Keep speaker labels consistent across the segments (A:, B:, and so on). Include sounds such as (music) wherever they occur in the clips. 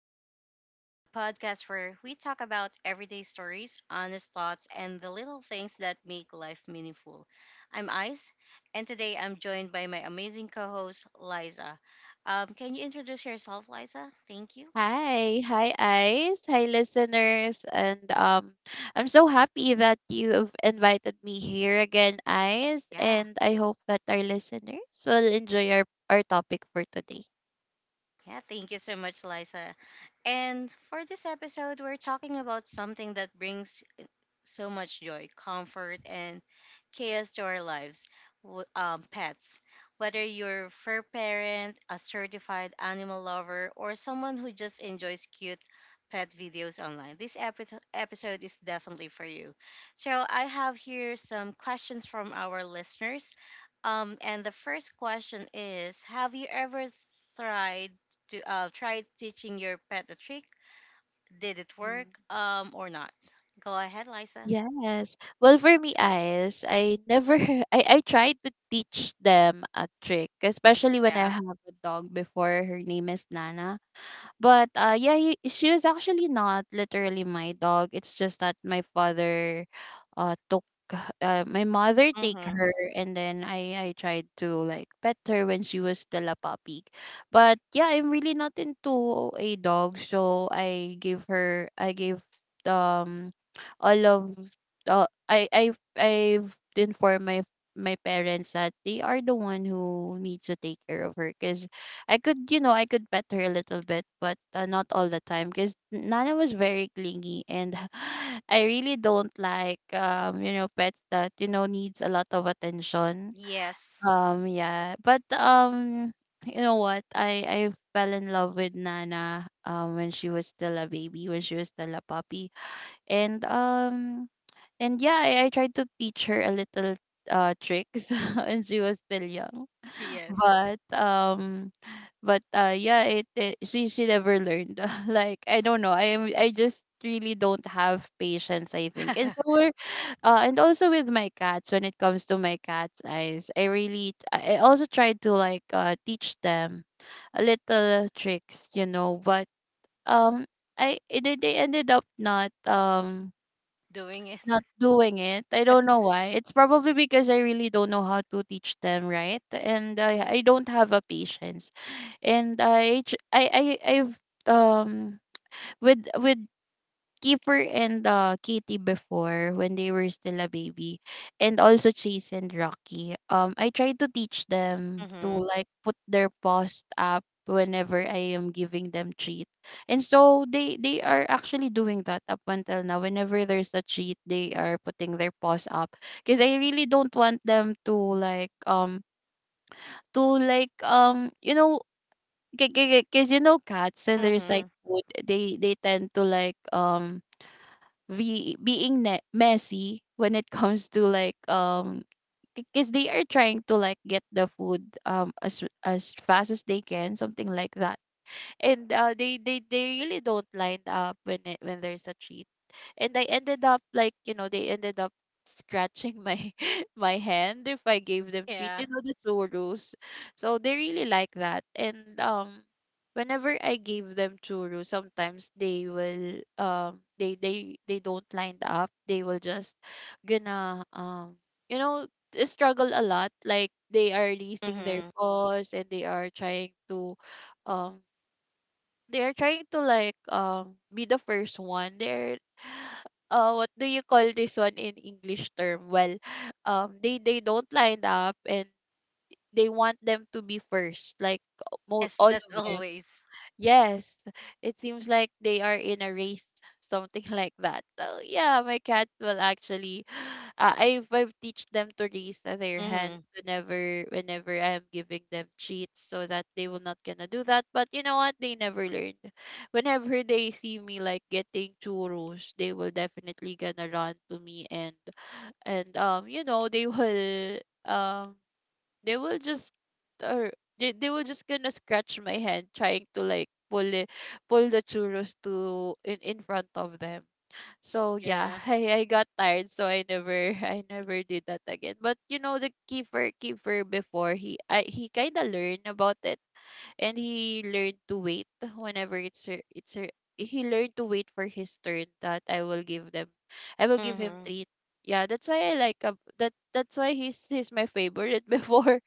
A: Ice Things, the podcast where we talk about everyday stories, honest thoughts, and the little things that make life meaningful. I'm Ice, and today I'm joined by my amazing co host, Liza. Can you introduce yourself, Liza? Thank you.
B: Hi, hi Ice, hi listeners, and I'm so happy that you've invited me here again, Ice,
A: Yeah.
B: and I hope that our listeners will enjoy our topic for today.
A: Yeah, thank you so much, Liza. And for this episode, we're talking about something that brings so much joy, comfort, and chaos to our lives. Pets, whether you're a fur parent, a certified animal lover, or someone who just enjoys cute pet videos online, this episode is definitely for you. So I have here some questions from our listeners. And the first question is: have you ever tried to tried teaching your pet a trick? Did it work?
B: Mhm.
A: Or not? Go ahead, Liza.
B: Yes. Well, for me, Ice, I never, (laughs) I tried to teach them a trick, especially when I
A: Yeah.
B: have a dog before. Her name is Nana. But yeah, she was actually not literally my dog. It's just that my father took, my mother take
A: Mm-hmm.
B: her, and then I tried to like pet her when she was still a puppy. But yeah, I'm really not into a dog, so I gave um all of I've informed my parents that they are the one who needs to take care of her, because I could, you know, I could pet her a little bit, but not all the time because Nana was very clingy, and (laughs) I really don't like, you know, pets that you know needs a lot of attention.
A: Yes.
B: Yeah, but you know what? I fell in love with Nana when she was still a baby, when she was still a puppy, and um, and yeah, I tried to teach her a little tricks (laughs) when she was still young,
A: Yes.
B: but um but yeah it she never learned. (laughs) Like, I don't know, I just really don't have patience, I think. And so
A: (laughs)
B: we're and also with my cats. When it comes to my cats, eyes, I really I also tried to like teach them a little tricks, you know, but um I they ended up not
A: Doing it.
B: not doing it. I don't know why. It's probably because I really don't know how to teach them, right? And I don't have a patience. And I j- I I've um with Kiefer and Katie before, when they were still a baby, and also Chase and Rocky. I try to teach them to
A: Mm-hmm.
B: like put their paws up whenever I am giving them treat, and so they are actually doing that up until now. Whenever there's a treat, they are putting their paws up, because I really don't want them to like you know, because you know, cats and there's like
A: Mm-hmm.
B: food, they tend to like be being messy when it comes to like, because they are trying to like get the food as fast as they can, something like that. And they really don't line up when when there's a cheat, and I ended up like, you know, they ended up scratching my (laughs) my hand if I gave them treat,
A: Yeah.
B: you know, the churros. So they really like that. And whenever I gave them churros, sometimes they will they don't line up, they will just gonna you know, struggle a lot, like they are releasing their
A: Mm-hmm.
B: paws and they are trying to um they're trying to like be the first one. They're (sighs) what do you call this one in english term? Well, they don't line up, and they want them to be first, like
A: Yes,
B: all
A: that's
B: of them.
A: always.
B: Yes, it seems like they are in a race, something (laughs) like that. So yeah, my cats will actually, (sighs) I've teach them to raise their hands
A: Mm-hmm.
B: whenever I am giving them treats, so that they will not gonna do that. But you know what? They never learned. Whenever they see me like getting churros, they will definitely gonna run to me, and you know, um they will just, or they will just gonna scratch my hand, trying to like pull the churros to in front of them. So yeah,
A: Yeah.
B: (laughs) I got tired, so I never (laughs) I never did that again. But you know, the keeper before, he kind of learned about it, and he learned to wait whenever it's her, he learned to wait for his turn, that I will give him
A: Mm-hmm.
B: treat. Yeah, that's why I like, that's why he's my favorite (laughs) before.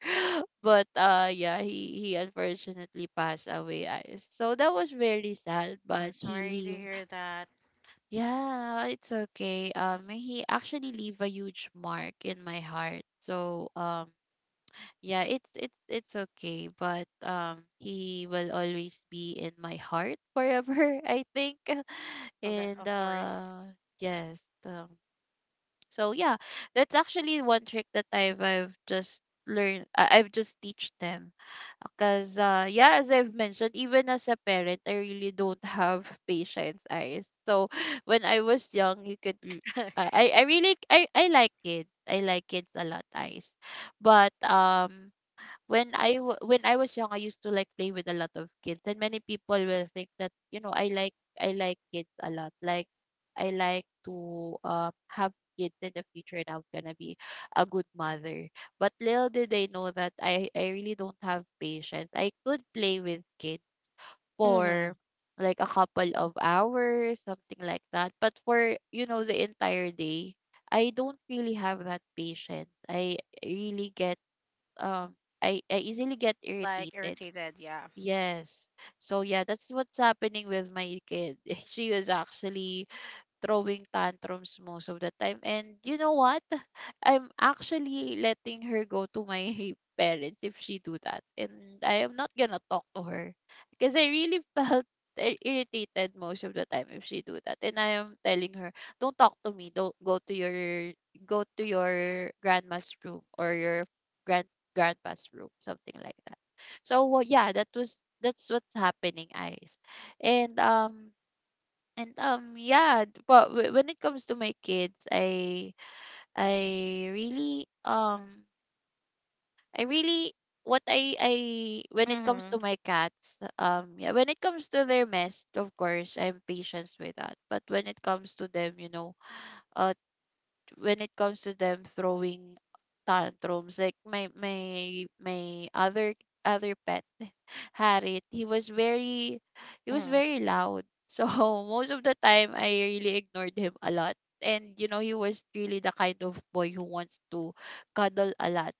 B: But yeah, he unfortunately passed away, so that was very sad,
A: I'm
B: but he
A: sorry to
B: leave.
A: hear that.
B: Yeah, it's okay. Um, he actually leave a huge mark in my heart, so yeah, it's okay. But he will always be in my heart forever, (laughs) I think. (laughs)
A: Well, that
B: And
A: of course.
B: uh, yes, um, so yeah, that's actually one trick that I've just learned. I've just teach them, because yeah, as I've mentioned, even as a parent, I really don't have (laughs) patience, eyes. So (laughs) when I was young, you could
A: (laughs)
B: I really, I like kids, I like kids a lot, eyes. But when when I was young, I used to like play with a lot of kids, and many people will think that, you know, I like kids a lot. Like, I like to have kids in the future, and I'm gonna be a good mother. But little did they know that I really don't have patience. I could play with kids
A: Mm-hmm.
B: for, like, a couple of hours, something like that. But for, you know, the entire day, I don't really have that patience. Really get um I I easily get
A: Like
B: irritated.
A: irritated, yeah.
B: Yes. So yeah, that's what's happening with my kid. (laughs) She was actually throwing tantrums most of the time. And you know what? (laughs) I'm actually letting her go to my (laughs) parents if she do that. And I am not gonna talk to her, because I really (laughs) felt irritated most of the time if she do that. And I am telling her, don't talk to me. Don't go to your, grandma's room, or your grand grandpa's room, something like that. So, well, yeah, that's what's happening, eyes. And um and yeah, but when it comes to my kids, I really um I really what I when it comes
A: Mm-hmm.
B: to my cats, yeah, when it comes to their mess, of course, I'm patient with that. But when it comes to them, you know, uh when it comes to them throwing tantrums, like my other pet, (laughs) had it, he was
A: Mm-hmm.
B: very loud. So (laughs) most of the time I really ignored him a lot. And you know, he was really the kind of boy who wants to cuddle a lot.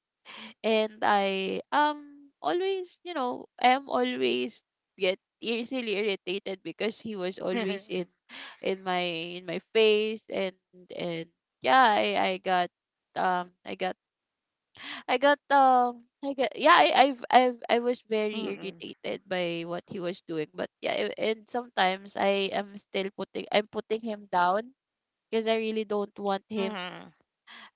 B: And I always, you know, I am always get easily irritated because he was always in in my in my face. And yeah, I got I got I got I got yeah, I've, I was
A: (laughs)
B: very
A: Mm-hmm.
B: irritated by what he was doing. But yeah, and sometimes I am still putting I'm putting him down because I really don't want him,
A: Mm-hmm.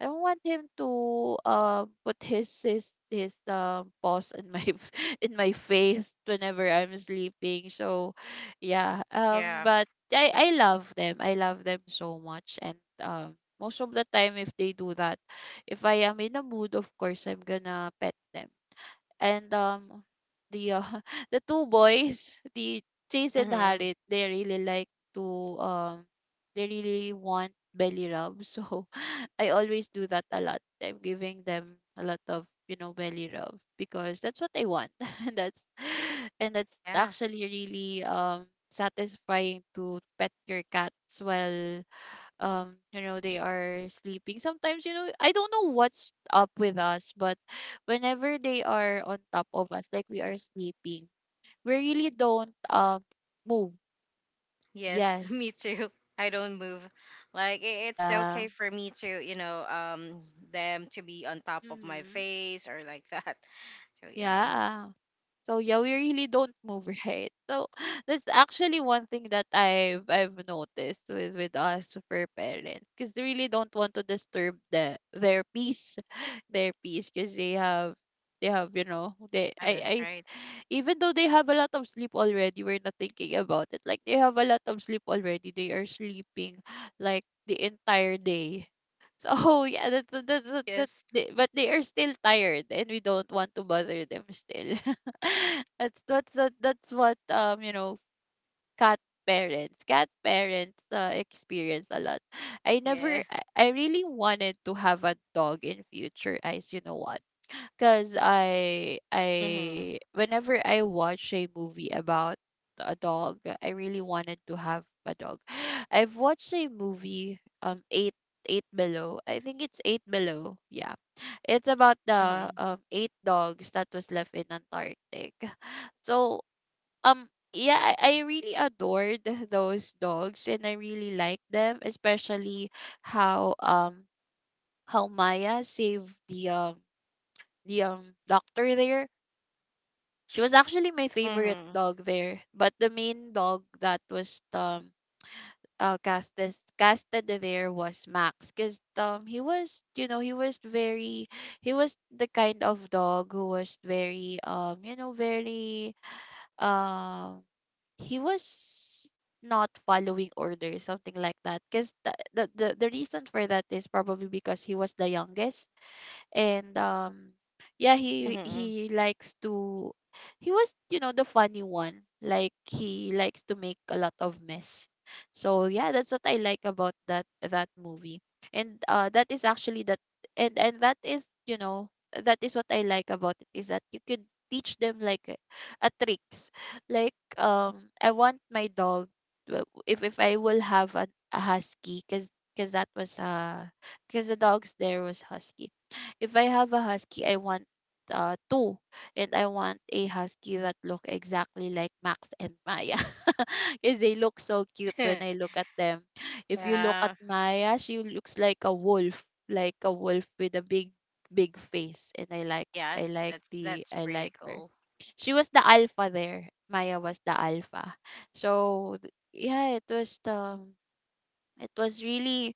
B: I don't want him to put his paws in my (laughs) in my face whenever I'm sleeping. So yeah,
A: Yeah.
B: but I love them. I love them so much. And most of the time, if they do that, if I am in a mood, of course, I'm gonna pet them. And the (laughs) the two boys, the Chase and
A: Mm-hmm.
B: Harriet, they really like to they really want belly rub. (laughs) So I always do that a lot, I'm giving them a lot of, you know, belly rub because that's what they want. (laughs) and that's and that's
A: Yeah.
B: actually really satisfying to pet your cats while, you know, they are sleeping sometimes. You know, I don't know what's up with us, but whenever they are on top of us, like, we are sleeping, we really don't move.
A: Yes, (laughs) me
B: Yes.
A: too. I don't move. Like it's
B: Yeah.
A: okay for me to, them to be on top of my
B: Mm-hmm.
A: face or like that. (laughs) So yeah.
B: Yeah. So yeah, we really don't move, (laughs) right? So, (sighs) that's actually one thing that I've noticed with us for parents, because they really don't want to disturb the their peace, (laughs) (sighs) their peace, because they have you know, they
A: Ah, that's
B: I
A: right.
B: even though they have a lot of sleep already, we're not thinking about it. Like, they have a lot of sleep already, they are sleeping (gasps) like the entire day. So (laughs) yeah, that.
A: Yes.
B: But they are still tired, and we don't want to bother them still. (laughs) (laughs) That's what cat parents experience a lot. i never
A: Yeah.
B: I, I really wanted to have a dog in future, guys, you know what? Cause I
A: Mhm.
B: I whenever I watch a movie about a dog, I really wanted to have a dog. (gasps) (sighs) I've watched a movie eight below. I think it's eight below. Yeah. It's about the
A: Mhm.
B: eight dogs that was left in Antarctic. (laughs) So yeah, I really adored those dogs and I really liked them, especially how um how Maya saved the doctor there. She was actually my favorite
A: Mhm.
B: dog there, but the main dog that was casted there was Max, because he was, you know, he was the kind of dog who was very, you know, very, um he was not following orders, something like that, because the reason for that is probably because he was the youngest. And yeah, he
A: Mhm.
B: he likes to, he was, you know, the funny one. Like he likes to make a lot of mess. So yeah, that's what I like about that movie. And that is actually that. And that is, you know, that is what I like about it, is that you could teach them like a tricks. Like I want my dog, if I will have a husky, because that was because the dogs there was husky. If I have a husky, I want two, and I want a husky that look exactly like Max and Maya, (laughs) because they look so cute when I
A: (laughs)
B: look at them. If you look at
A: Yeah.
B: Maya, she looks like a wolf with a big, big face, and I
A: Yes.
B: like
A: That's
B: the,
A: that's
B: I
A: pretty
B: like her.
A: cool.
B: She was the alpha there. Maya was the alpha, yeah, it was the, it was really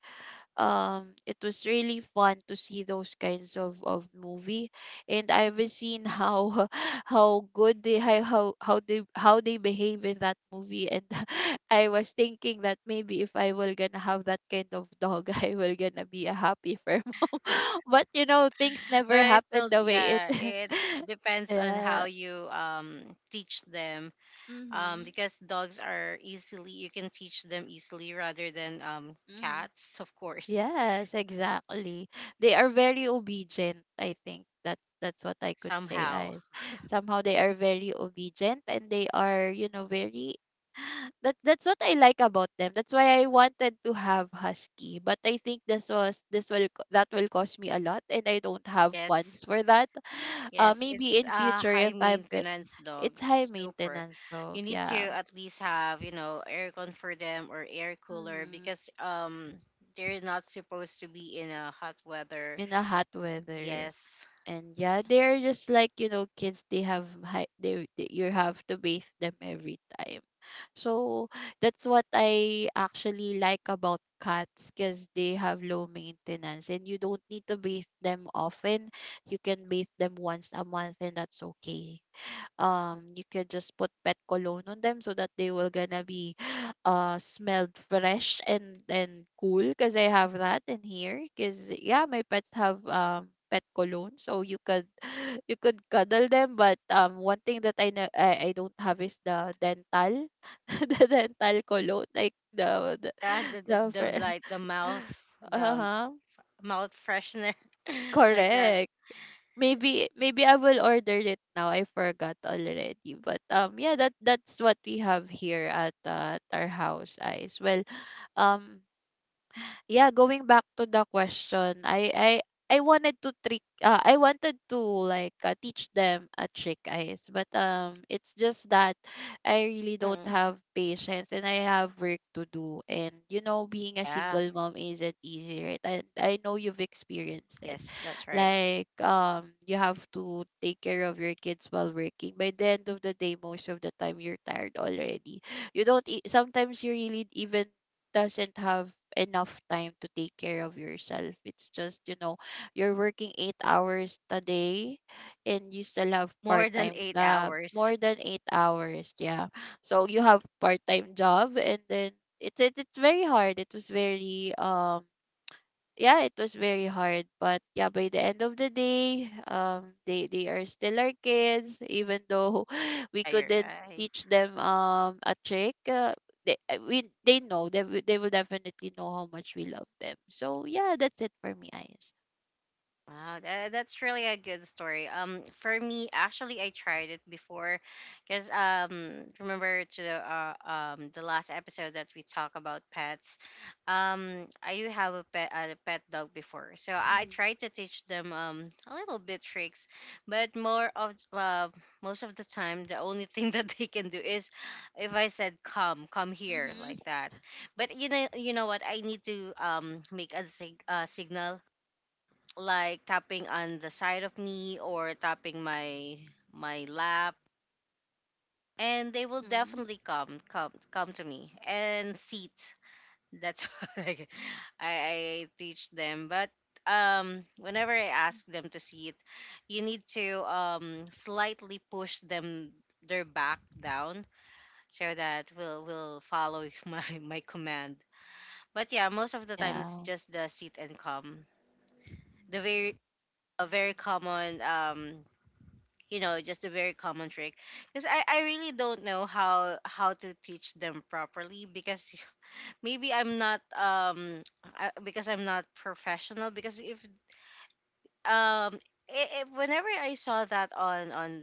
B: it was really fun to see those kinds of movie. And I've seen how (laughs) how good they, how they, how they behave in that movie, and (laughs) I was thinking that maybe if I will gonna have that kind of dog, (laughs) I will gonna be a happy fur mom. (laughs) But you know, things never
A: But it's
B: happen
A: still,
B: the way it.
A: yeah, it's
B: (laughs)
A: depends on how
B: Yeah.
A: you teach them.
B: Mhm.
A: Because dogs are easily you can teach them easily rather than
B: Mhm.
A: cats, (laughs) of course.
B: Yes, exactly. They are very obedient, I think. That's what I could say
A: Somehow.
B: as somehow they are very obedient, and they are, you know, very, (sighs) that that's what I like about them. That's why I wanted to have husky, but I think this will that will cost me a lot, and I don't have
A: Yes,
B: funds for that. (sighs)
A: yes,
B: Maybe
A: it's
B: in
A: a
B: future
A: high
B: if I'm good.
A: maintenance dog.
B: It's high
A: Super.
B: maintenance
A: You
B: dog,
A: need to
B: yeah.
A: at least have, you know, aircon for them or air cooler
B: Mm-hmm.
A: because they're not supposed to be in a hot weather.
B: In a hot weather.
A: Yes.
B: And yeah, they're just like, you know, kids. They have high, they you have to bathe them every time. So that's what I actually like about cats, because they have low maintenance and you don't need to bathe them often. You can bathe them once a month and that's okay. You could just put pet cologne on them so that they will gonna be (gasps) smelled fresh and cool, because I have that in here, because yeah, my pets have pet cologne, so you could (gasps) (sighs) you could cuddle them. But one thing that I know I don't have is the dental (laughs) the dental cologne, like
A: Yeah, the, the,
B: the
A: the like
B: (laughs)
A: the
B: uh-huh.
A: mouth freshener (laughs) like that.
B: Correct. Maybe maybe I will order it now. I forgot already. But yeah, that that's what we have here at our house, Ice. Well, um yeah, going back to the question, I wanted to trick I wanted to like teach them a trick, guys. But it's just that I really don't
A: Mm.
B: have patience, and I have work to do, and you know, being a
A: Yeah,
B: single mom isn't easy, right? And I know you've experienced it.
A: yes, that's right.
B: Like you have to take care of your kids while working. By the end of the day, most of the time you're tired already. You don't sometimes you really even doesn't have enough time to take care of yourself. It's just, you know, you're working 8 hours a day, and you still have part
A: More than
B: time
A: eight hours.
B: more
A: (laughs)
B: than 8 hours, yeah. So you have part time job, and then it's very hard. It was very yeah, it was very hard. But yeah, by the end of the day, they are still our kids, even though (laughs) we
A: Yeah, you're
B: couldn't teach
A: right.
B: them a trick. They we, they know they will definitely know how much we love them. So yeah, that's it for me, eyes.
A: Wow, that's really a good story. For me, actually, I tried it before, because remember to the last episode that we talk about pets, I do have a pet dog before, so I
B: Mhm.
A: tried to teach them a little bit tricks, but more of most of the time, the only thing (laughs) that they can do is if I said come, come here like
B: Mhm.
A: that. But you know what? I need to make signal like tapping on the side of me or tapping my lap and they will
B: Mhm.
A: definitely come to me and sit. That's (laughs) what I teach them, but whenever I ask them to sit you need to slightly push them, their back down, so that will follow (laughs) my command. But yeah, most of the time it's
B: Yeah.
A: just the sit and come, the very a very common you know just a very common trick, because I really don't know how to teach them properly, because (laughs) maybe I'm not I, because I'm not professional. Because if um I whenever I saw that on,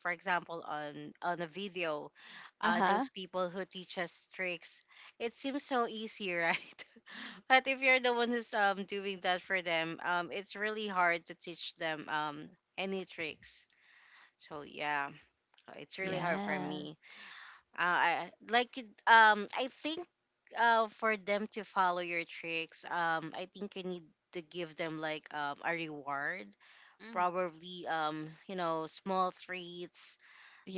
A: for example, on a video,
B: Uh huh.
A: those people who teach us tricks, it seems so easy, right? (laughs) But if you're the one who's doing that for them, it's really hard to teach them any tricks. So yeah, it's really hard for
B: Yeah.
A: me. I I think for them to follow your tricks, I think you need to give them like a reward,
B: Mhm.
A: probably small treats.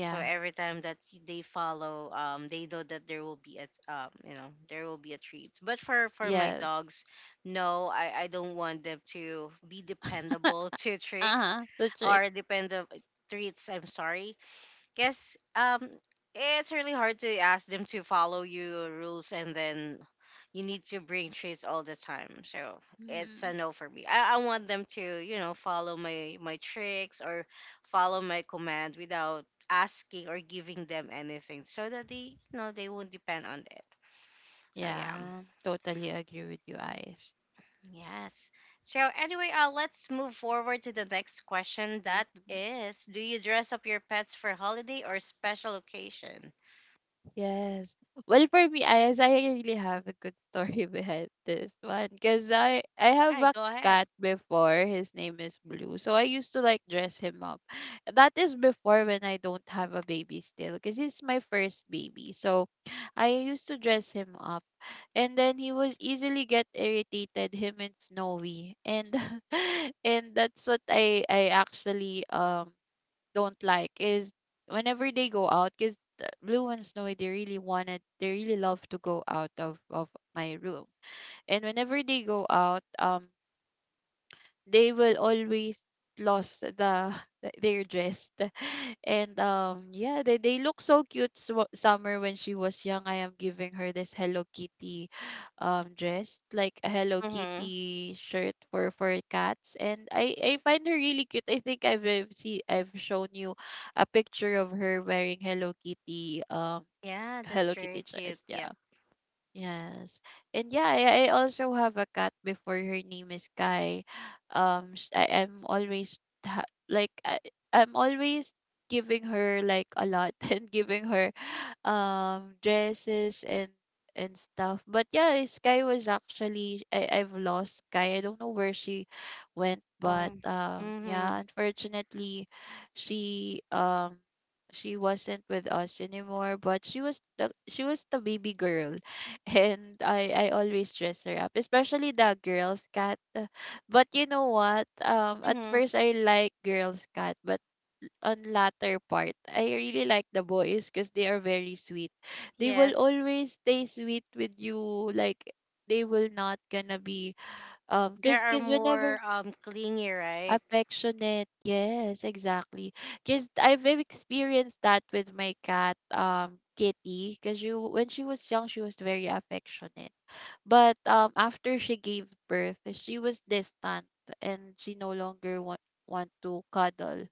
A: So every time that they follow, they know that there will be a treat. But for my
B: Yes.
A: dogs, no, I don't want them to be
B: (laughs) uh
A: dependable (laughs) to tricks
B: huh. The trick.
A: or dependable treats. I'm sorry, guess it's really hard to ask them to follow your rules and then you need to bring treats all the time, so it's a
B: Mhm.
A: no for me. I want them to follow my tricks or follow my command without asking or giving them anything, so that they they won't depend on it. So yeah.
B: Yeah. Totally agree with you, eyes.
A: Yes. So anyway, let's move forward to the next question, that
B: Mhm.
A: is, do you dress up your pets for holiday or special occasion?
B: Yes. Well, for me, I as I really have a good story (laughs) behind this one, because I have
A: Yeah,
B: a
A: go ahead.
B: cat before. His name is Blue, so I used to like dress him up. That is before when I don't have a baby still, because he's my first baby. So I used to dress him up, and then he was easily get irritated. Him and Snowy, and (laughs) and that's what I actually don't like, is whenever they go out, because blue ones know, they really wanted, they really love to go out of my room. And whenever they go out, they will always lost the (laughs) their dress. (laughs) And yeah, they look so cute. Summer, when she was young, I am giving her this Hello Kitty dress, like a Hello
A: Mm-hmm.
B: Kitty shirt for cats, and I find her really cute. I think I've see I've shown you a picture of her wearing Hello Kitty
A: Yeah, that's
B: Hello Kitty
A: very cute.
B: dress.
A: Yep.
B: Yeah. Yes. And yeah, I also have a cat before, her name is Kai. I am always like I'm always giving her like a lot (laughs) and giving her dresses and stuff. But yeah, Sky was actually I've lost Sky. I don't know where she went, but
A: Um,
B: yeah,
A: mm-hmm.
B: unfortunately she um she wasn't with us anymore, but she was the, she was the baby girl, and I always dress her up, especially the girls cat. But you know what? At
A: Mm-hmm.
B: first I like girls cat, but on latter part, I really like the boys, because they are very sweet. They will
A: Yes.
B: always stay sweet with you. Like they will not gonna be
A: There
B: cause
A: are
B: cause whenever
A: more clingy, right?
B: affectionate, yes, exactly. Because I've experienced that with my cat Kitty, because you when she was young, she was very affectionate. But after she gave birth, she was distant, and she no longer want to cuddle.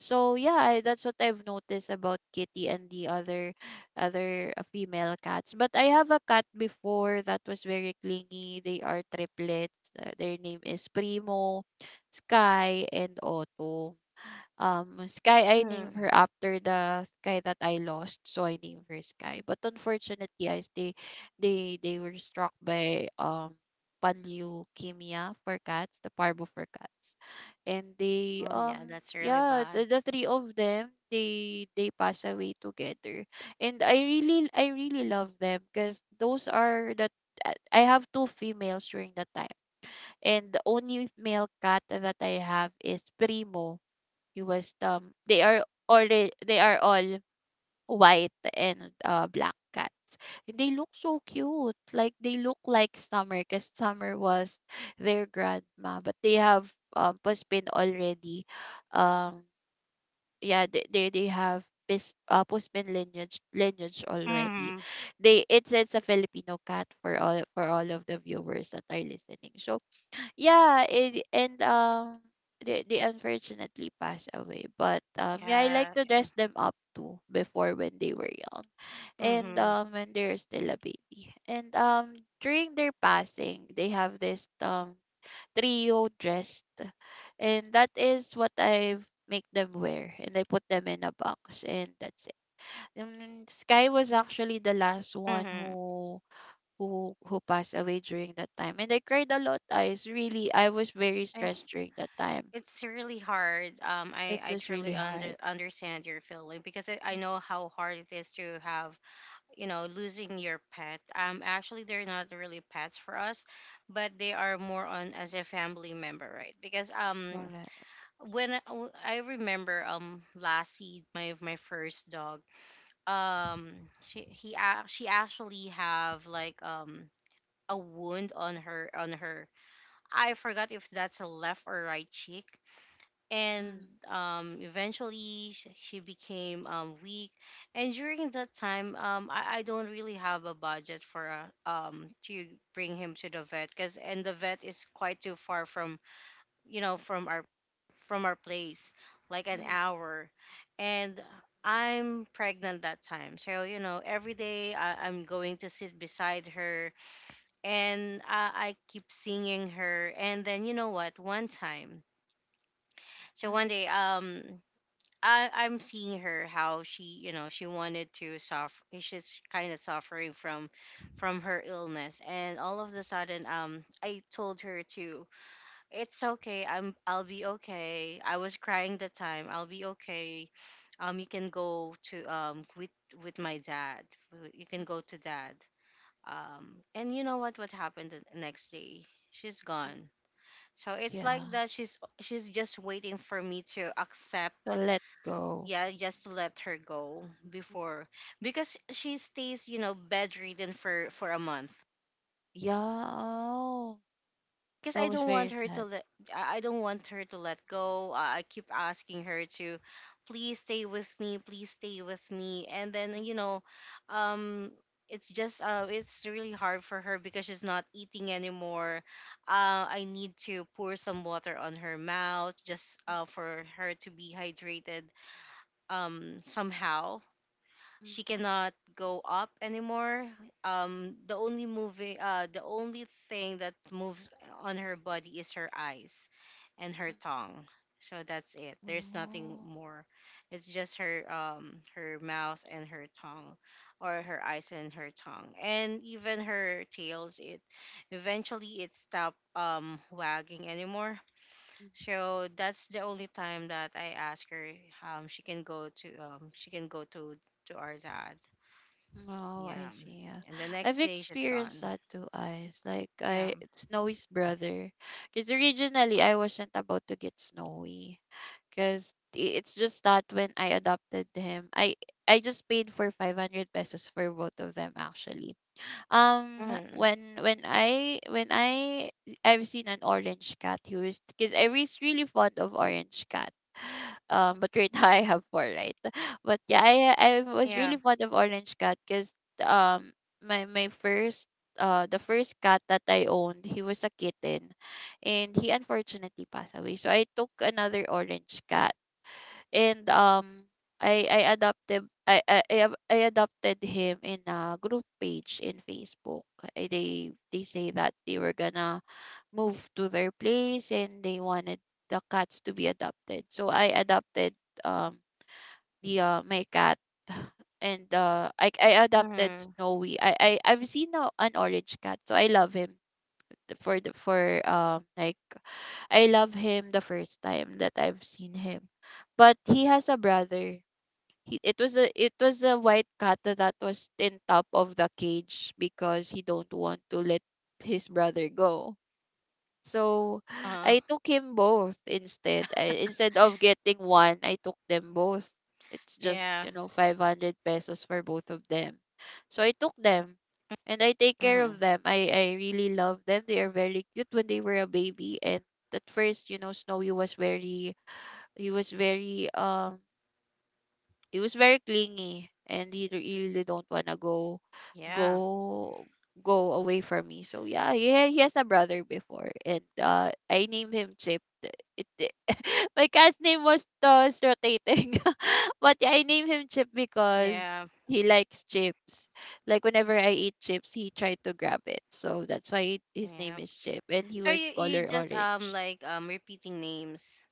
B: So yeah, I, that's what I've noticed about Kitty and the other female cats. But I have a cat before that was very clingy. They are triplets. Their name is Primo, Sky, and Otto. Sky, I named
A: Mm.
B: her after the Sky that I lost, so I named her Sky. But unfortunately, guys, they were struck by panleukemia for cats, the parvo for cats, and they
A: Oh yeah, that's really
B: yeah,
A: bad.
B: the three of them, they pass away together. And I really, I really love them, because those are the, I I have two females during that time, and the only male cat that I have is Primo. He was they are already, they are all white and black cats. And they look so cute. Like they look like Summer because Summer was their grandma, but they have postpone already. Um yeah, they have pis, postman lineage already.
A: Mm-hmm.
B: They, it's a Filipino cat for all of the viewers that are listening. So yeah, it, and they unfortunately passed away. But yeah, I like
A: Yeah.
B: to dress them up too before, when they were young, and
A: Mm-hmm.
B: when they're still a baby. And during their passing, they have this trio dressed, and that is what I make them wear, and I put them in a box, and that's it. Sky was actually the last one
A: Mm-hmm.
B: who passed away during that time, and I cried a lot, guys, really. I was very stressed
A: It's
B: during that time.
A: it's really hard. I
B: It was really
A: truly
B: hard.
A: understand your feeling, because I
B: Mm,
A: know how hard it is to have losing your pet. Actually, they're not really pets for us, but they are more on as a family member, right? Because
B: Correct.
A: when I remember Lassie, my first dog, um she she actually have like a wound on her, I forgot if that's a left or right cheek, and
B: Mm,
A: eventually she became weak. And during that time I don't really have a budget for to bring him to the vet, because and the vet is quite too far from you know from our from our place, like an
B: mm,
A: hour. And I'm pregnant that time. So, you know, every day I'm going to sit beside her and I keep seeing her. And then, you know what? One time, so
B: mm,
A: one day, I'm seeing her how she, she wanted to suffer. She's kind of suffering from her illness, and all of a sudden, I told her to, it's okay. I'll be okay. I was crying the time. I'll be okay. You can go to, with my dad. You can
B: mm,
A: go to dad. And you know what happened the next day? She's
B: mm.
A: gone. So it's like
B: Yeah.
A: that she's just waiting for me to
B: To
A: accept,
B: let go.
A: yeah, just to let her go
B: Mm.
A: before, because she stays, bedridden for a month.
B: Yeah. Oh,
A: Because
B: that
A: I
B: was
A: don't
B: very
A: want her to
B: sad.
A: let, I don't want her to let go. I keep asking her to please stay with me, please stay with me. And then
B: Mm,
A: um it's just it's really hard for her because she's not eating anymore. I need to pour some water on her mouth just
B: mm,
A: for her to be hydrated, somehow
B: mm,
A: she cannot go up anymore. The the only thing that moves on her body is her eyes and her
B: mm.
A: tongue. So that's it. There's nothing more. It's just her, her mouth and her tongue, or her eyes and her tongue, and even her tails. It Eventually it stopped wagging anymore.
B: Oh.
A: So that's the only time that I ask her she can go to our dad,
B: Oh, I
A: yeah.
B: see. Yeah.
A: And the
B: I've
A: next day she's
B: experienced
A: gone.
B: that too, eyes. Like
A: Yeah.
B: I, Snowy's brother. Because originally I wasn't about to get Snowy. Because it's just that when I adopted him, I just paid for 500 pesos for both of them actually.
A: Hmm.
B: When I I've seen an orange cat who is, because I was really fond of orange cat. (sighs) But right (laughs) now I have four, right? But yeah, I was
A: Yeah.
B: really fond of orange cat because um my my first the first cat that I owned he was a kitten, and he unfortunately passed away. So I took another orange cat and I adopted I ab- I adopted him in a group page in Facebook. They say that they were gonna move to their place and they wanted the cats to be adopted. So I adopted um the my cat (laughs) and I adopted
A: Hmm.
B: Snowy. I've seen a, an orange cat, so I love him the for like I love him the first time that I've seen him. But he has a brother, he it was a, it was a white cat that was in top of the cage because he don't want to let his brother go, so (sighs)
A: Uh.
B: I took him both. Instead, instead of getting one, I took them both. It's just,
A: Yeah.
B: you know, 500 pesos for both of them, so I took them. And I take care
A: Hmm.
B: of them. I really love them. They are very cute when they were a baby. And at first, you know, Snowy was very, he was very, he was very clingy, and he really don't want to go
A: Yeah.
B: go go away from me. So yeah, he has a brother before, and I named him Chip. (laughs) My cat's name was Toss Rotating, (laughs) but yeah, I named him Chip because
A: Yeah.
B: he likes chips. Like, whenever I eat chips, he tried to grab it. So that's why his name
A: Yeah.
B: is Chip, and he
A: So
B: was
A: you
B: color
A: just
B: orange.
A: like repeating names.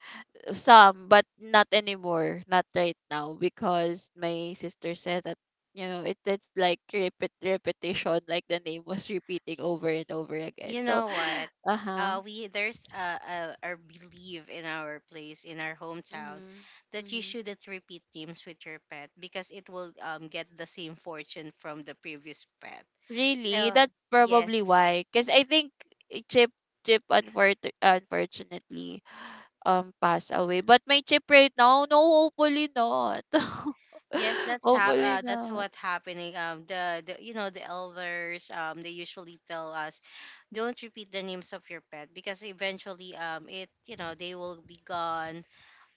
B: Some, but not anymore, not right now, because my sister said that, you know, it's like repeat repetition, like the name was repeating over and over again.
A: You
B: So
A: know
B: (gasps)
A: what?
B: (sighs) uh-huh.
A: We there's a belief in our place, in our hometown,
B: Mm-hmm.
A: that you
B: Mm-hmm.
A: shouldn't repeat names with your pet because it will get the same fortune from the previous pet.
B: Really?
A: So
B: That's probably
A: yes.
B: why, because I think Chip, unfort- unfortunately passed away, but my Chip right now, no, hopefully not. (laughs)
A: Yes, that's
B: Hopefully
A: that's
B: not.
A: what happening. The you know the elders they usually tell us don't repeat the names of your pet because eventually it you know they will be gone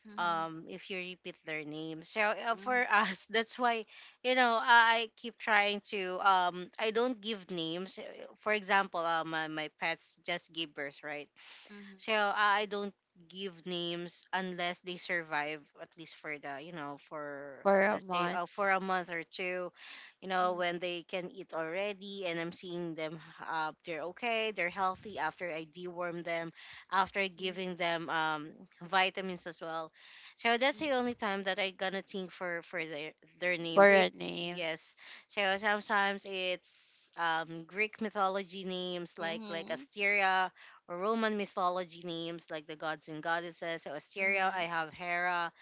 B: Mm-hmm.
A: if you repeat their name. So
B: Mm-hmm.
A: for us (laughs) that's why I keep trying to, I don't give names. For example, my pets just give birth, right?
B: Mm-hmm.
A: So I don't give names unless they survive at least for the you know for
B: For a
A: let's say,
B: month.
A: for a month or two,
B: Mm-hmm.
A: when they can eat already and I'm seeing them, they're okay, they're healthy, after I deworm them, after
B: Mm-hmm.
A: giving them, vitamins as well. So that's
B: Mhm.
A: the only time that I gonna think for their names,
B: For
A: it.
B: a name.
A: Yes. So sometimes it's greek mythology names like
B: Mhm.
A: Asteria or Roman mythology names like the gods and goddesses. So Asteria, I
B: Mhm.
A: have Hera.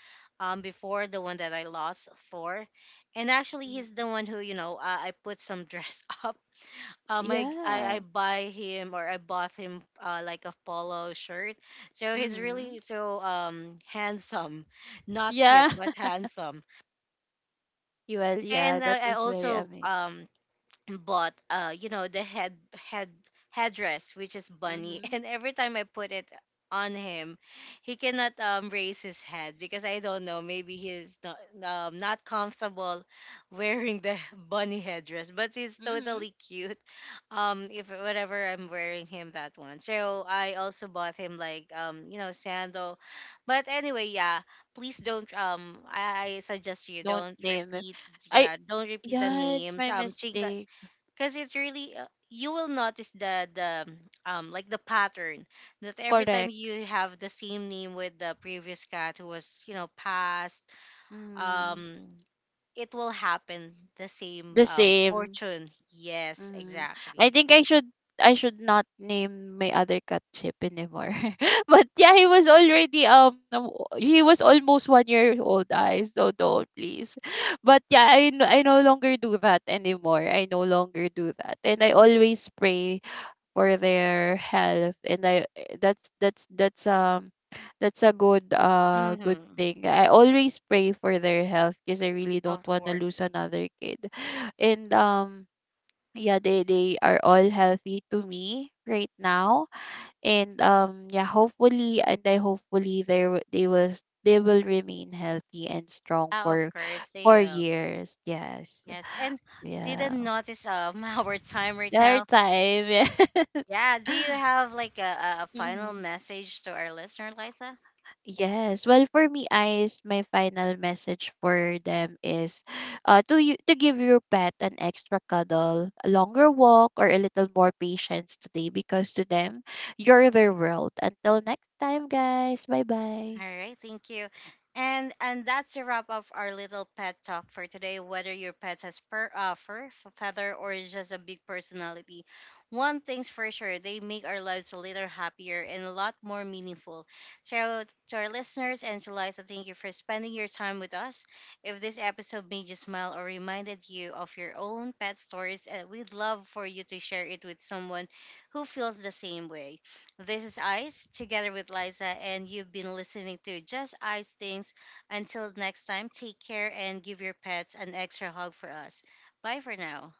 A: Before, the one that I lost, Thor, and actually
B: Mhm.
A: he's the one who I put some dress (laughs) up. I
B: Yeah.
A: buy him, or I bought him, like a polo shirt. So he's
B: Mhm.
A: really so handsome, (laughs) not cute
B: Yeah.
A: but
B: (laughs)
A: handsome.
B: Well, yeah,
A: And
B: that
A: I
B: was very
A: also
B: amazing.
A: bought the headdress, which is bunny, (laughs)
B: Mhm.
A: and every time I put it on him, he cannot raise his head because I don't know, maybe he's not not comfortable wearing the (laughs) bunny headdress, but he's
B: Mhm.
A: totally cute if whatever I'm wearing him, that one. So I also bought him like sandal. But anyway, yeah, please don't, I suggest you
B: Don't
A: don't
B: name him.
A: repeat,
B: I.
A: yeah, don't repeat the
B: Yeah, it's
A: names,
B: my
A: chink,
B: mistake.
A: because it's really, you will notice the like the pattern, that every time
B: Correct.
A: you have the same name with the previous cat who was passed,
B: Mm.
A: um it will happen the same
B: The same.
A: fortune, yes,
B: Mhm. I
A: exactly.
B: think I should, I should not name my other cat Chip anymore. (laughs) But yeah, he was already he was almost 1 year old. I so don't please. (laughs) But yeah, I, no, I no longer do that anymore. I no longer do that, and I always pray for their health. And that's that's a good good
A: Mm-hmm.
B: thing. I always pray for their health because I really don't
A: Of
B: want to
A: course.
B: lose another kid, (sighs) and yeah, they are all healthy to me right now. And yeah, hopefully, and I hopefully they w- they will s- they will remain healthy and strong
A: Yeah, of course they
B: for
A: will.
B: years. Yes.
A: Yes. And
B: Yeah.
A: didn't notice (laughs) our time right
B: Their
A: now,
B: time. (laughs) Yeah.
A: yeah. Do you
B: (laughs)
A: have like a final
B: Mhm.
A: message to our listener, Liza?
B: Yes. Well, for me, eyes, my final message for them is to you, to give your pet an extra cuddle, a longer walk, or a little more patience today, because to them, you're their world. Until next time, guys. Bye bye.
A: All right, thank you. And that's the wrap of our little pet talk for today. Whether your pet has fur, feather, or is just a big personality, one thing's for sure: they make our lives a little happier and a lot more meaningful. So to our listeners and to Liza, thank you for spending your time with us. If this episode made you smile or reminded you of your own pet stories, we'd love for you to share it with someone who feels the same way. This is Ice together with Liza, and you've been listening to Just Ice Things. Until next time, take care and give your pets an extra hug for us. Bye for now.